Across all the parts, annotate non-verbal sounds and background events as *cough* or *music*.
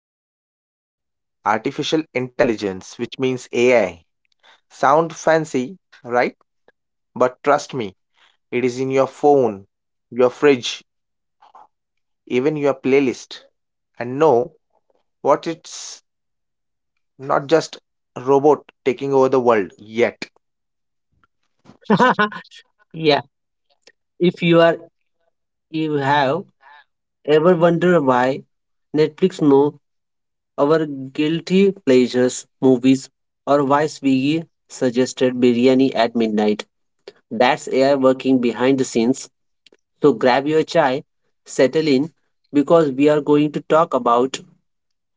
lives, artificial intelligence, which means AI. Sound fancy, right? But trust me, it is in your phone, your fridge, even your playlist. And no, what it's not just a robot taking over the world yet. *laughs* Yeah, if you have ever wondered why Netflix know our guilty pleasures movies or why Swiggy suggested biryani at midnight, that's AI working behind the scenes. So grab your chai, settle in, because we are going to talk about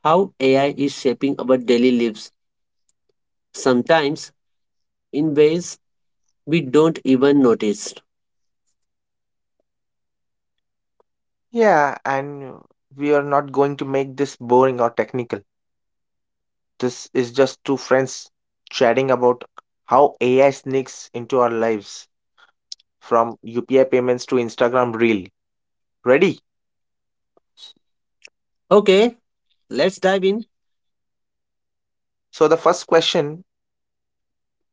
how AI is shaping our daily lives, sometimes in ways we don't even notice. Yeah, and we are not going to make this boring or technical. This is just two friends chatting about how AI sneaks into our lives from UPI payments to Instagram Reel. Ready? Okay, let's dive in. So, the first question,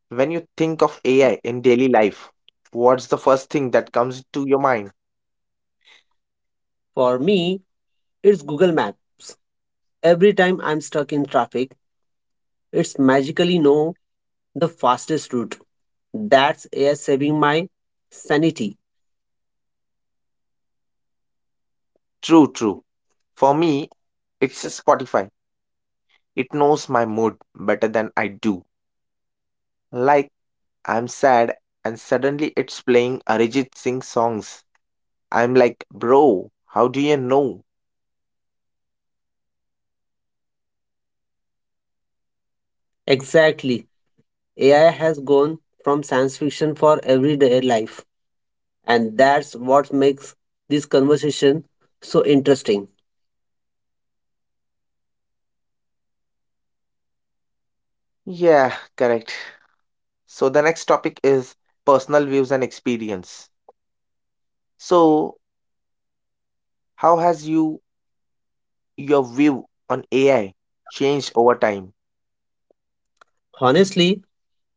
when you think of AI in daily life, what's the first thing that comes to your mind? For me, it's Google Maps. Every time I'm stuck in traffic, it's magically know the fastest route. That's AI saving my sanity. True, true. For me, it's Spotify. It knows my mood better than I do. Like, I'm sad, and suddenly it's playing Arijit Singh songs. I'm like, bro, how do you know? Exactly. AI has gone from science fiction for everyday life. And that's what makes this conversation so interesting. Yeah, correct. So the next topic is personal views and experience. So how has you your view on AI changed over time? Honestly,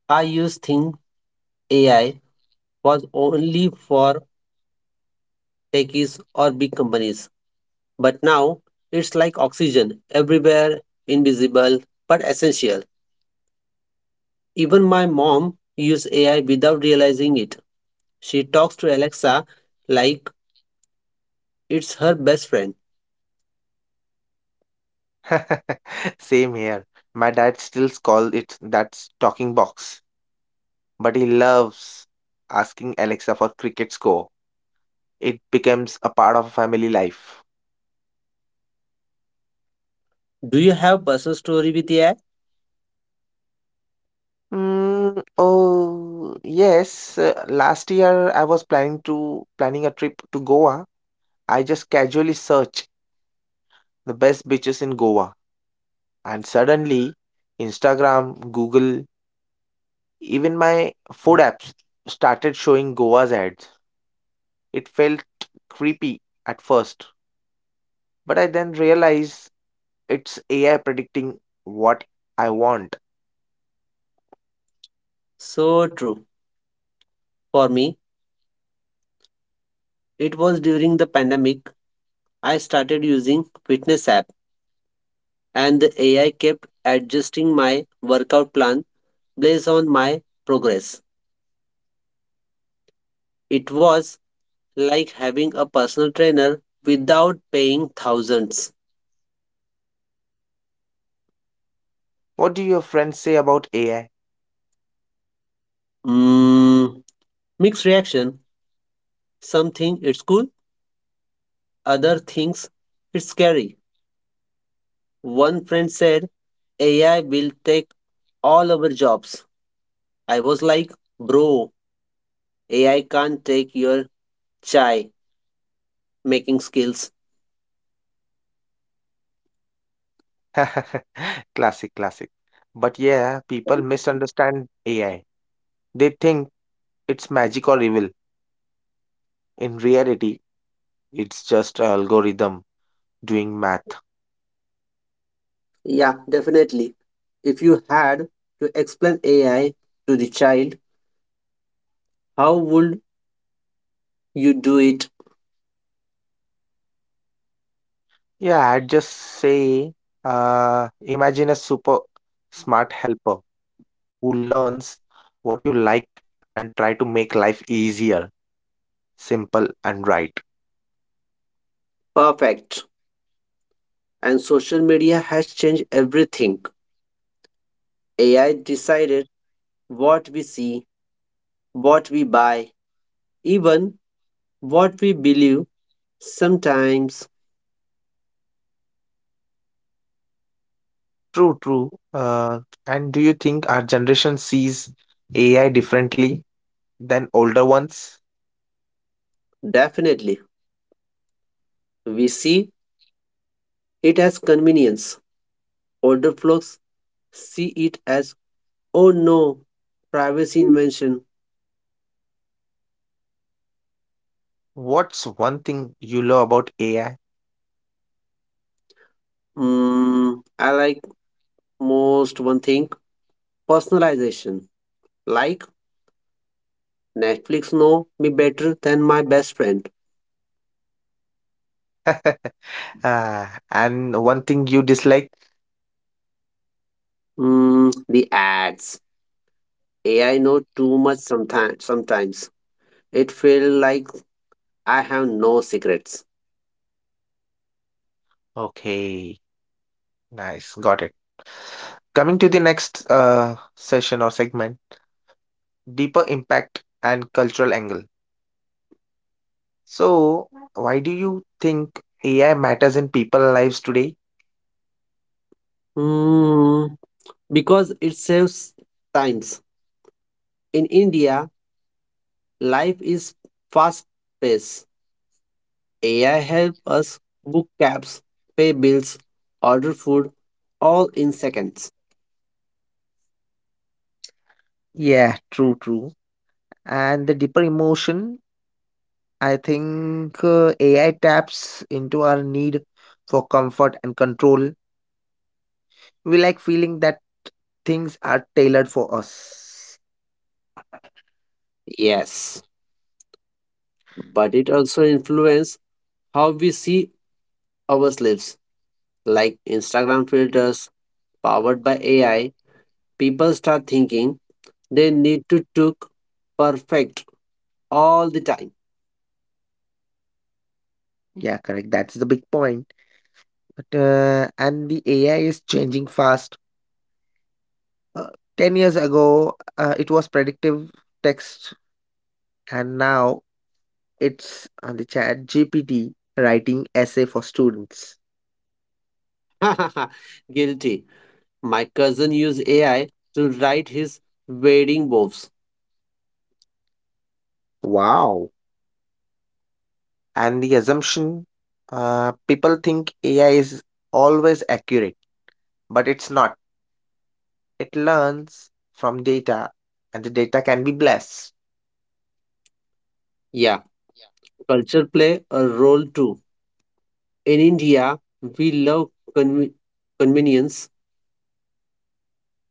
I used think AI was only for techies or big companies. But now it's like oxygen, everywhere, invisible, but essential. Even my mom uses AI without realizing it. She talks to Alexa like it's her best friend. *laughs* Same here. My dad still calls it that's talking box, but he loves asking Alexa for cricket score. It becomes a part of family life. Do you have personal story with AI? Mm, oh yes, last year I was planning a trip to Goa. I just casually searched the best beaches in Goa, and suddenly Instagram, Google, even my food apps started showing Goa's ads. It felt creepy at first, but I then realized it's AI predicting what I want. So true. For me, it was during the pandemic I started using fitness app and the AI kept adjusting my workout plan based on my progress. It was like having a personal trainer without paying thousands. What do your friends say about AI? Mm, mixed reaction. Something it's cool other thinks it's scary. One friend said AI will take all our jobs. I was like, bro, AI can't take your chai making skills. *laughs* Classic, classic. But yeah, people misunderstand AI. They think it's magic or evil. In reality, it's just a algorithm doing math. Yeah, definitely. If you had to explain AI to the child, how would you do it Yeah, I'd just say, imagine a super smart helper who learns what you like and try to make life easier, simple, and right. perfect? And social media has changed everything. AI decided what we see, what we buy, even what we believe sometimes. True, true. And do you think our generation sees AI differently than older ones? Definitely, we see it as convenience. Older folks see it as, oh no, privacy invention. What's one thing you love about AI? I like most one thing personalization. Like Netflix know me better than my best friend. *laughs* Ah, and one thing you dislike? The ads. AI know too much sometimes. Sometimes it feels like I have no secrets. Okay, nice, got it. Coming to the next session or segment, deeper impact and cultural angle. So, why do you think AI matters in people's lives today? Hmm, because it saves times. In India, life is fast paced. AI helps us book cabs, pay bills, order food, all in seconds. Yeah, true, true. And the deeper emotion, I think AI taps into our need for comfort and control. We like feeling that things are tailored for us. Yes, but it also influences how we see ourselves. Like Instagram filters powered by AI, people start thinking they need to look perfect all the time. Yeah, correct. That's the big point. But and the AI is changing fast. Uh, 10 years ago, it was predictive text, and now it's on the Chat GPT writing essay for students. *laughs* Guilty. My cousin used AI to write his wedding vows. Wow! And the assumption, people think AI is always accurate, but it's not. It learns from data, and the data can be blessed. Yeah, culture play a role too. In India, we love conve- convenience.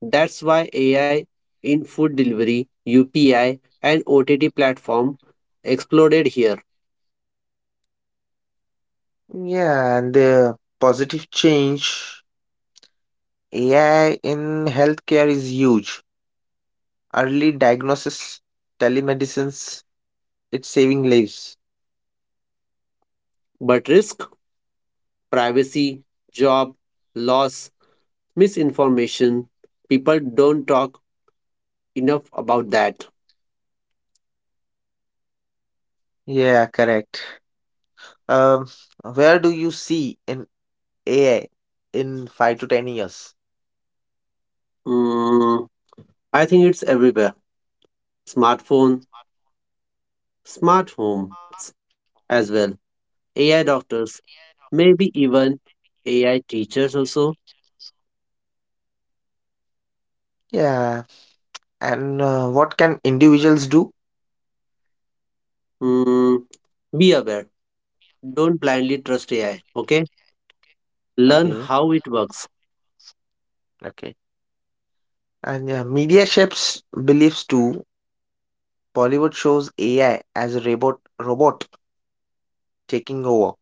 That's why AI in food delivery, UPI, and OTT platform exploded here. Yeah, and the positive change, AI in healthcare is huge. Early diagnosis, telemedicines, it's saving lives. But risk, privacy, job, loss, misinformation, people don't talk enough about that. Yeah, correct. Um, where do you see an AI in 5 to 10 years? Mm, I think it's everywhere. Smartphone, smart homes as well. AI doctors, maybe even AI teachers also. Yeah, and what can individuals do? Mm, be aware. Don't blindly trust AI. Okay. Learn Okay, how it works. okay. And yeah, media shapes beliefs too. Bollywood shows AI as a robot taking over.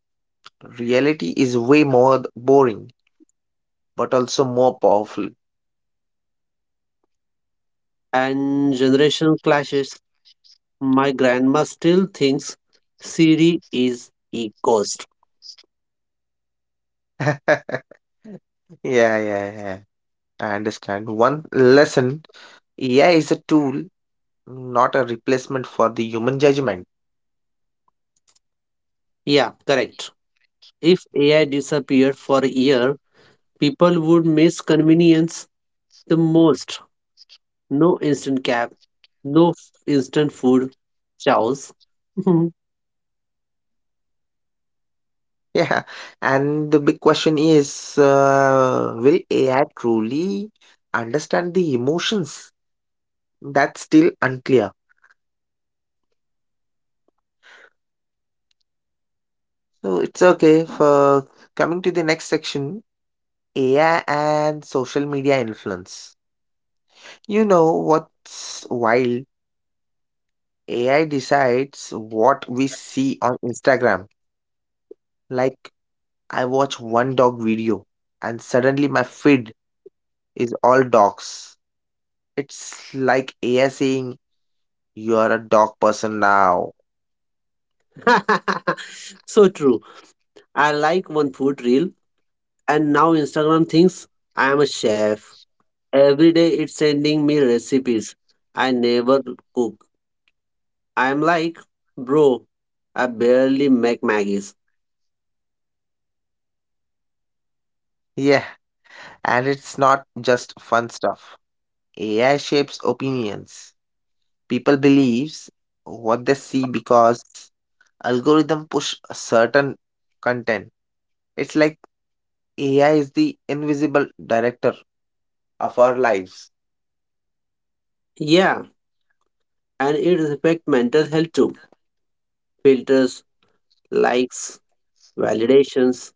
Reality is way more boring, but also more powerful. And generation clashes. My grandma still thinks Siri is a ghost. *laughs* Yeah, yeah, yeah. I understand. One lesson, AI is a tool, not a replacement for the human judgment. *laughs* Yeah, correct. If AI disappeared for a year, people would miss convenience the most. No instant cab, no f- instant food. Chows. *laughs* Yeah. And the big question is, will AI truly understand the emotions? That's still unclear. So it's okay for coming to the next section. AI and social media influence. You know what's wild? AI decides what we see on Instagram. Like, I watch one dog video and suddenly my feed is all dogs. It's like AI saying, you are a dog person now. So true. I like one food reel. And now Instagram thinks I am a chef. Every day it's sending me recipes. I never cook. I'm like, bro, I barely make Maggies. Yeah, and it's not just fun stuff. AI shapes opinions. People believes what they see because algorithm push a certain content. It's like AI is the invisible director of our lives. Yeah, and it affects mental health too. Filters, likes, validations.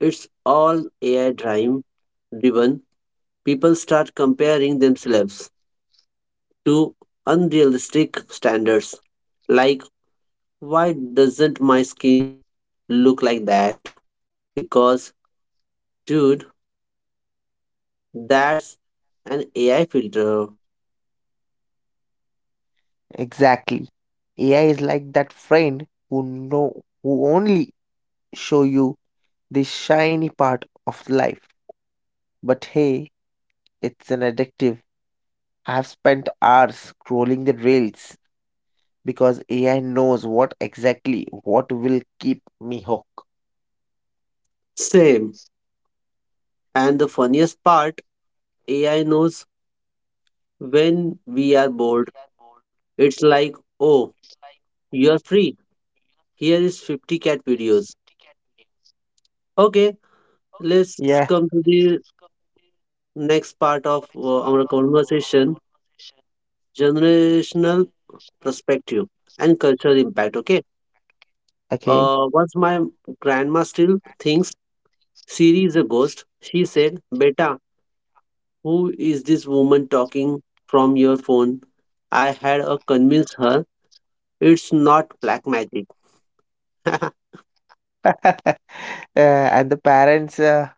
It's all AI driven. People start comparing themselves to unrealistic standards. Like, why doesn't my skin look like that? Because dude, that's an AI filter. Exactly. AI is like that friend who know who only show you the shiny part of life. But hey, it's an addictive. I've spent hours scrolling the reels because AI knows what exactly what will keep me hooked. Same. And the funniest part, AI knows when we are bored. It's like, oh, you're free. Here is 50 cat videos. Okay, let's Yeah. come to the next part of Next part our of our conversation, conversation, generational Nirmal. perspective and cultural impact. Okay, Okay. Once my grandma still thinks Siri is a ghost, she said, "Beta, who is this woman talking from your phone?" I had a convince her it's not black magic. *laughs* *laughs* And the parents,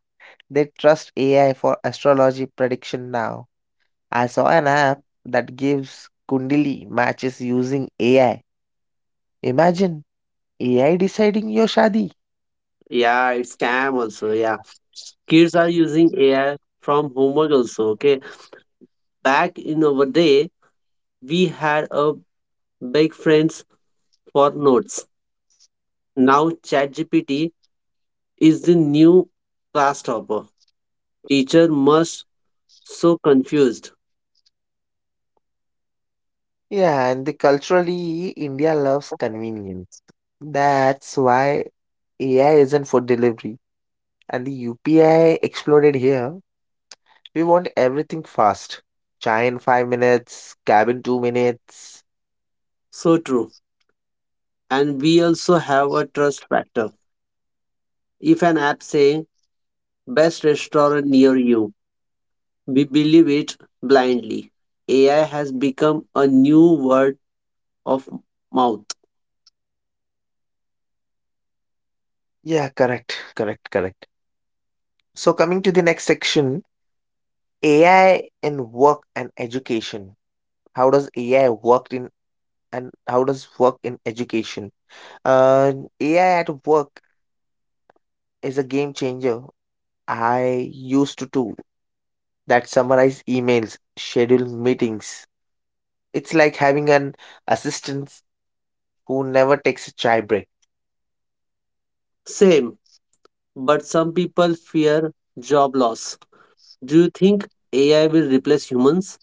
they trust AI for astrology prediction now. I saw an app that gives Kundali matches using AI. Imagine AI deciding your shadi. Yeah, it's scam also. Yeah, kids are using AI from homework also. Okay, back in our day, we had a big friends for notes. Now ChatGPT is the new class topper. Teacher must so confused. Yeah, and the culturally, India loves convenience. That's why AI isn't for delivery. And the UPI exploded here. We want everything fast. Chai in 5 minutes, cab in 2 minutes. So true. And we also have a trust factor. If an app saying "best restaurant near you." We believe it blindly. AI has become a new word of mouth. Yeah, correct, correct, correct. So coming to the next section, AI in work and education. How does AI work in and How does work in education? Uh, AI at work is a game changer. I used to do that summarize emails, schedule meetings. It's like having an assistant who never takes a chai break. Same, but some people fear job loss. Do you think AI will replace humans?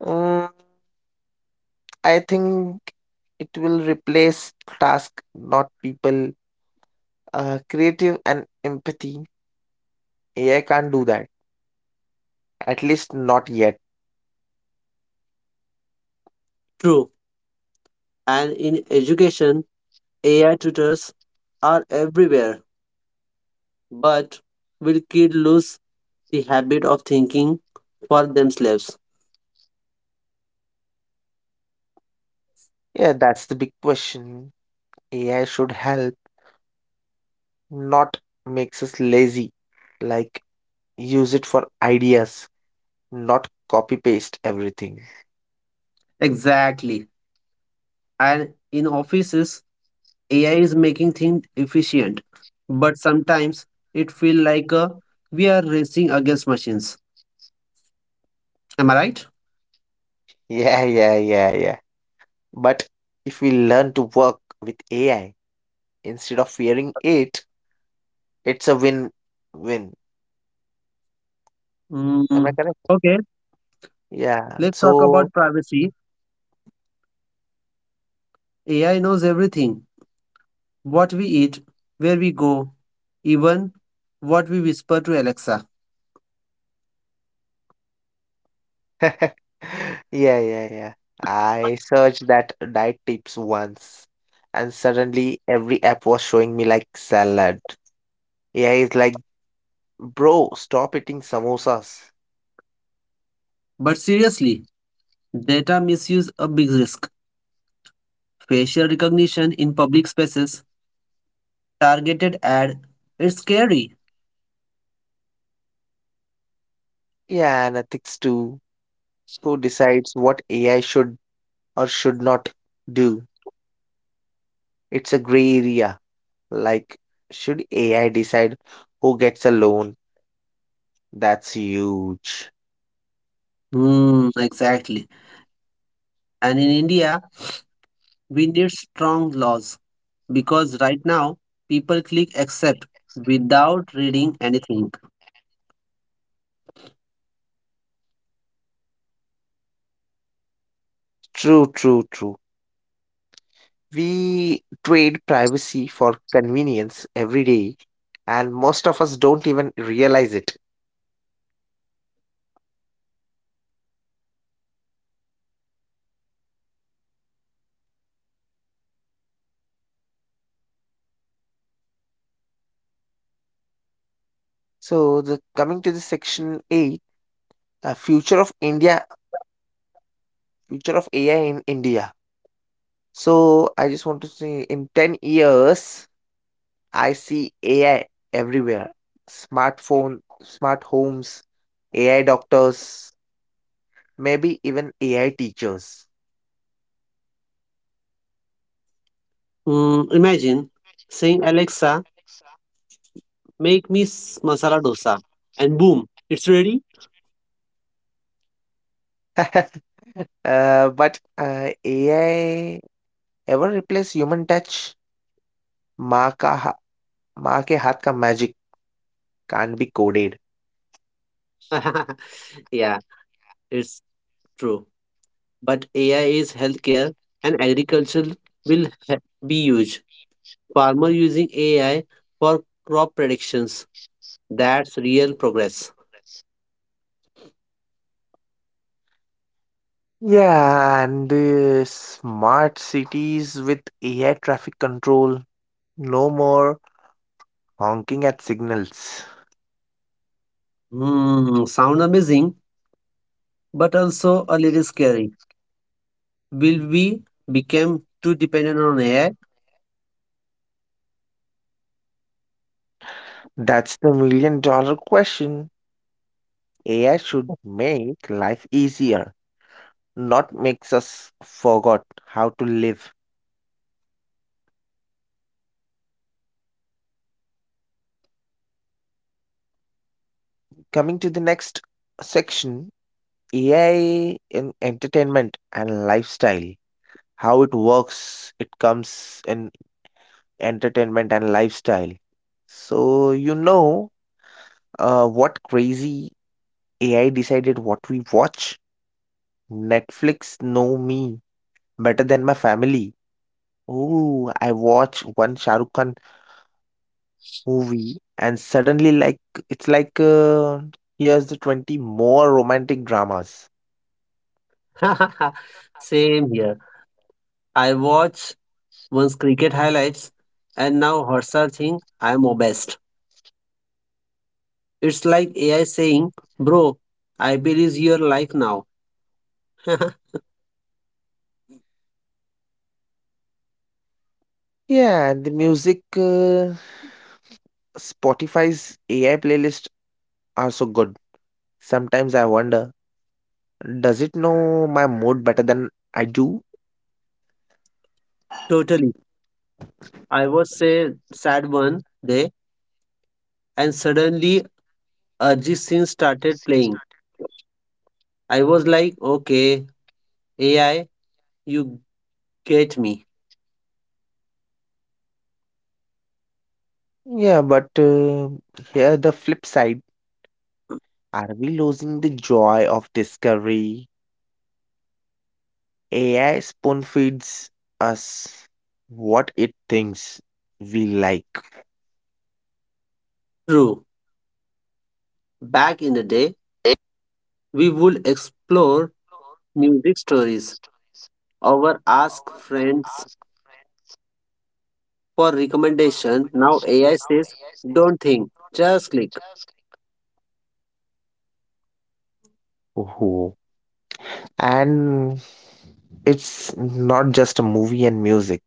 Mm, I think it will replace task, not people. Creative and empathy. AI can't do that. At least not yet. True. And in education, AI tutors are everywhere. But will kids lose the habit of thinking for themselves? Yeah, that's the big question. AI should help, not makes us lazy. Like use it for ideas, not copy paste everything. Exactly. And in offices, AI is making things efficient, but sometimes it feels like we are racing against machines. Am I right? Yeah, yeah, yeah, yeah. But if we learn to work with AI instead of fearing it, it's a win-win. Am I Mm, correct? okay, Yeah. let's talk So about privacy. AI knows everything what we eat, where we go, even what we whisper to Alexa. *laughs* yeah, yeah, yeah. I searched that diet tips once, and suddenly every app was showing me like salad. Yeah, it's like, bro, stop eating samosas. But seriously, data misuse a big risk. Facial recognition in public spaces, targeted ad, it's scary. Yeah, and ethics too. Who decides what AI should or should not do? It's a gray area. Like, should AI decide who gets a loan? That's huge. Exactly. And in India, we need strong laws because right now people click accept without reading anything. True, true, true. We trade privacy for convenience every day, and most of us don't even realize it. So, the coming to the section eight, uh, future of India, future of AI in India. So, I just want to say, in 10 years, I see AI everywhere: smartphone, smart homes, AI doctors, maybe even AI teachers. Imagine saying, "Alexa, make me masala dosa," and boom, it's ready. *laughs* But AI ever replace human touch? माँ का हा माँ के हाथ का magic can't be coded. *laughs* Yeah, it's true. But AI is healthcare and agriculture will he- be huge. Farmer using AI for crop predictions. That's real progress. Yeah, and the smart cities with AI traffic control. No more honking at signals. Sound amazing, but also a little scary. Will we become too dependent on AI? That's the million dollar question. AI should make life easier, not makes us forgot how to live. Coming to the next section, AI in entertainment and lifestyle. How it works, it comes in entertainment and lifestyle. So, you know, what crazy AI decided what we watch? Netflix know me better than my family. Oh, I watch one Shah Rukh Khan movie and suddenly like it's like here's the 20 more romantic dramas. *laughs* Same here. I watch once cricket highlights and now Harsha think I'm obsessed. It's like AI saying, "Bro, I believe your life now." *laughs* Yeah, and the music, Spotify's AI playlist are so good. Sometimes I wonder, does it know my mood better than I do? Totally. I was say sad one day and suddenly Ajit Singh started playing. I was like, okay, AI, you get me. Yeah, but here the flip side. Are we losing the joy of discovery? AI spoon feeds us what it thinks we like. True. Back in the day, we would explore music stories or ask friends for recommendation. Now AI says, don't think, just click. Oh. And it's not just a movie and music.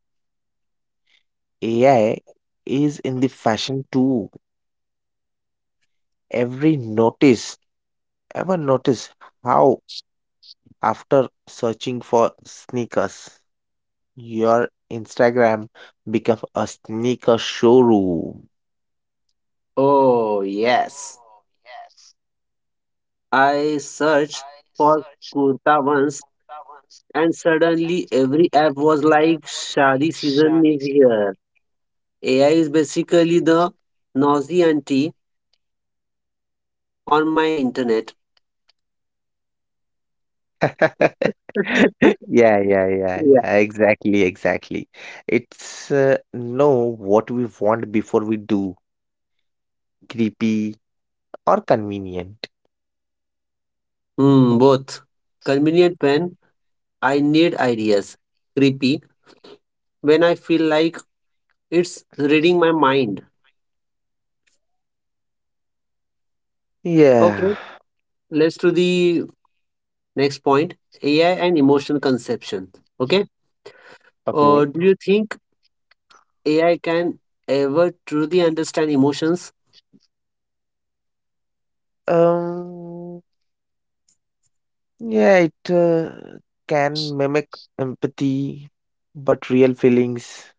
AI is in the fashion too. Every notice Ever notice how, after searching for sneakers, your Instagram become a sneaker showroom? Oh, yes. Oh, yes. I searched I for searched for kurta once Kurta once and and suddenly every suddenly app every was app like was like "Shadi season Shadi is season here." AI is basically the nosy auntie on my internet. is *laughs* *laughs* yeah, yeah, yeah, Yeah. yeah, exactly, exactly. It's know what we want before we do, creepy or convenient. Both. Convenient when I need ideas. Creepy when I feel like it's reading my mind. Okay, Yeah, let's do the next point AI and emotion conception. Okay, okay. do you think AI can ever truly understand emotions? Um, yeah, it can mimic empathy, but real feelings,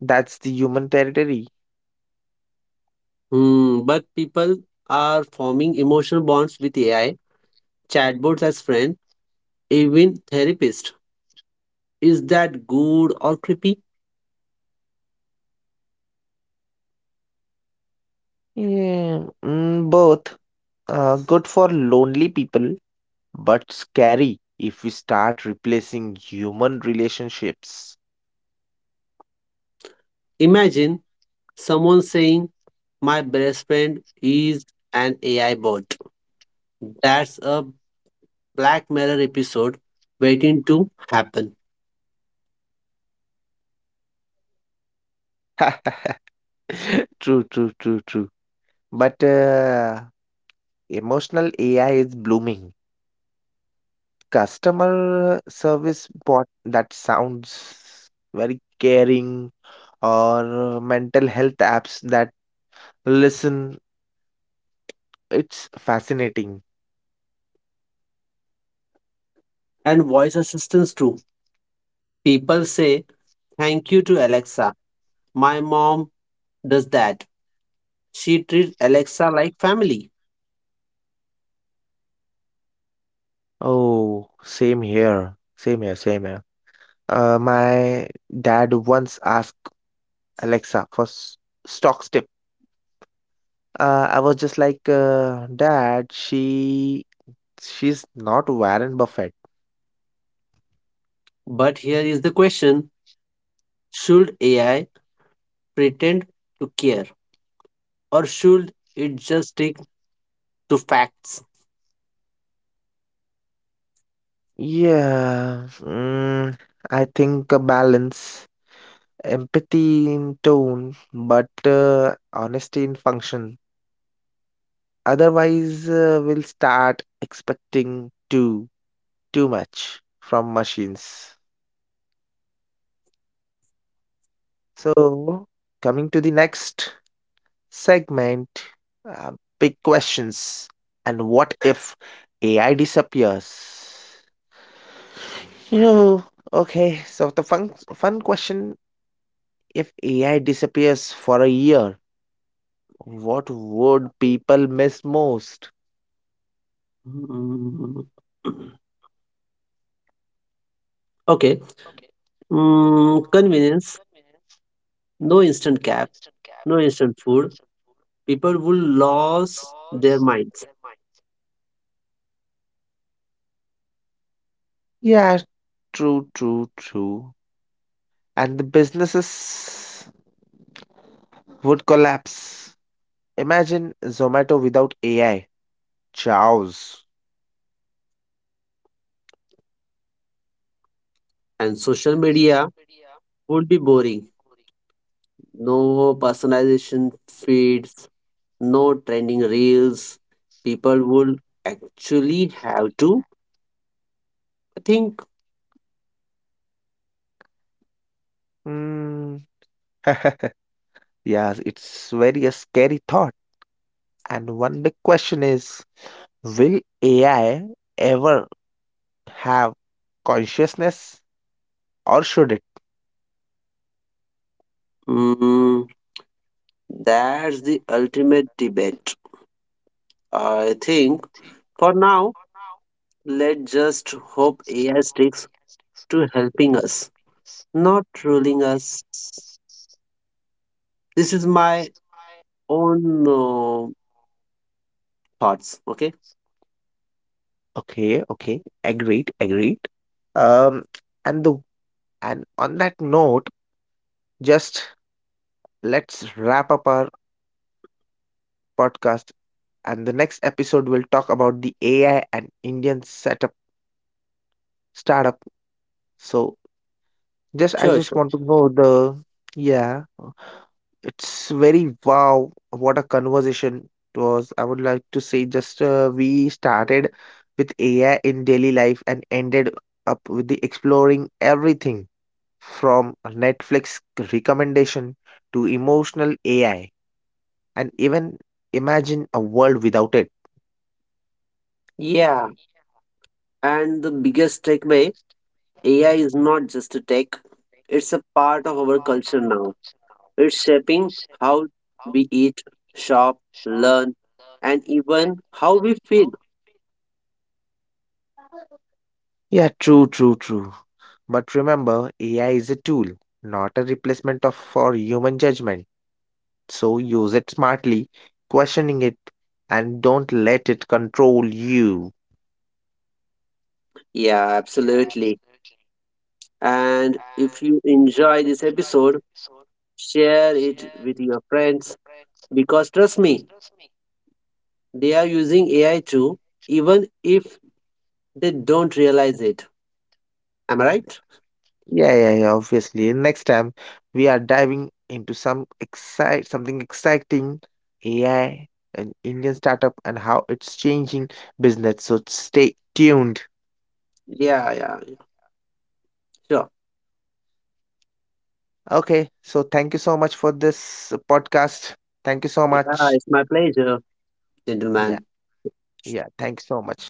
that's the human territory. But people are forming emotional bonds with AI, chatbots as friend, even therapist. Is that good or creepy? Yeah, mm, both, good for lonely people, but scary if we start replacing human relationships. Imagine someone saying, "My best friend is an AI bot." That's a Black Mirror episode waiting to happen. *laughs* True, true, true, true. But emotional AI is blooming. Customer service bot that sounds very caring or mental health apps that listen. It's fascinating. And voice assistants too. People say thank you to Alexa. My mom does that. She treats Alexa like family. Oh, same here. Same here, same here. My dad once asked Alexa for stocks tip. I was just like, Dad, she's not Warren Buffett. But here is the question should AI pretend to care or should it just stick to facts? *clears throat* Yeah, mm, I think a balance, empathy in tone, but honesty in function. Otherwise, we'll start expecting too much from machines. So, coming to the next segment, uh, big questions and what if AI disappears? You know, okay. So the fun question: if AI disappears for a year, what would people miss most? Mm, okay. Okay. Convenience, Mm, no instant no cap, no instant no food. People will people will lose their lose minds. their mind. Yeah, true, true, true. And the businesses would collapse. Imagine Zomato without AI. Chows. And social media would be boring. Already No personalization feeds, no trending reels. People would actually have to think. boring. Mm. *laughs* Yeah, it's very a scary thought. And one big question is, will AI ever have consciousness or should it? Mm, that's the ultimate debate. I think for now, Now, let's just hope just AI hope AI sticks takes to helping us, not ruling us. This is my us. own thoughts. Okay. Okay, okay. Agreed, agreed. Um, and the and on that note, just let's wrap up our podcast. And the next episode we'll talk about the AI and Indian setup startup. So just I Sure. just Sure. want to know the yeah, it's very wow. What a conversation it was. I would like to say, just we started with AI in daily life and ended up with the exploring everything from Netflix recommendation to emotional AI, and even imagine a world without it. Yeah. Yeah, And the biggest takeaway AI is not just a tech, like, it's a part of our culture now. It's shaping how we eat, shop, learn, and even how we feel. yeah, true, true, true. But remember, AI is a tool, not a replacement of for human judgment. So use it smartly, questioning it, and don't let it control you. Yeah, Yeah, absolutely. And if and you enjoy this enjoy episode, the soul share it with your with your friends friends, because trust because me, they are using AI too, even if they don't realize it. Am I right? me, yeah, yeah, yeah, obviously. And next time we are diving into something exciting, AI, an Indian startup and how it's changing business. So stay tuned. Yeah, yeah, yeah. Sure. Okay, so thank you so much for this podcast. Thank you so Yeah, much. it's my pleasure, Yeah, gentlemen. yeah, thank you so much.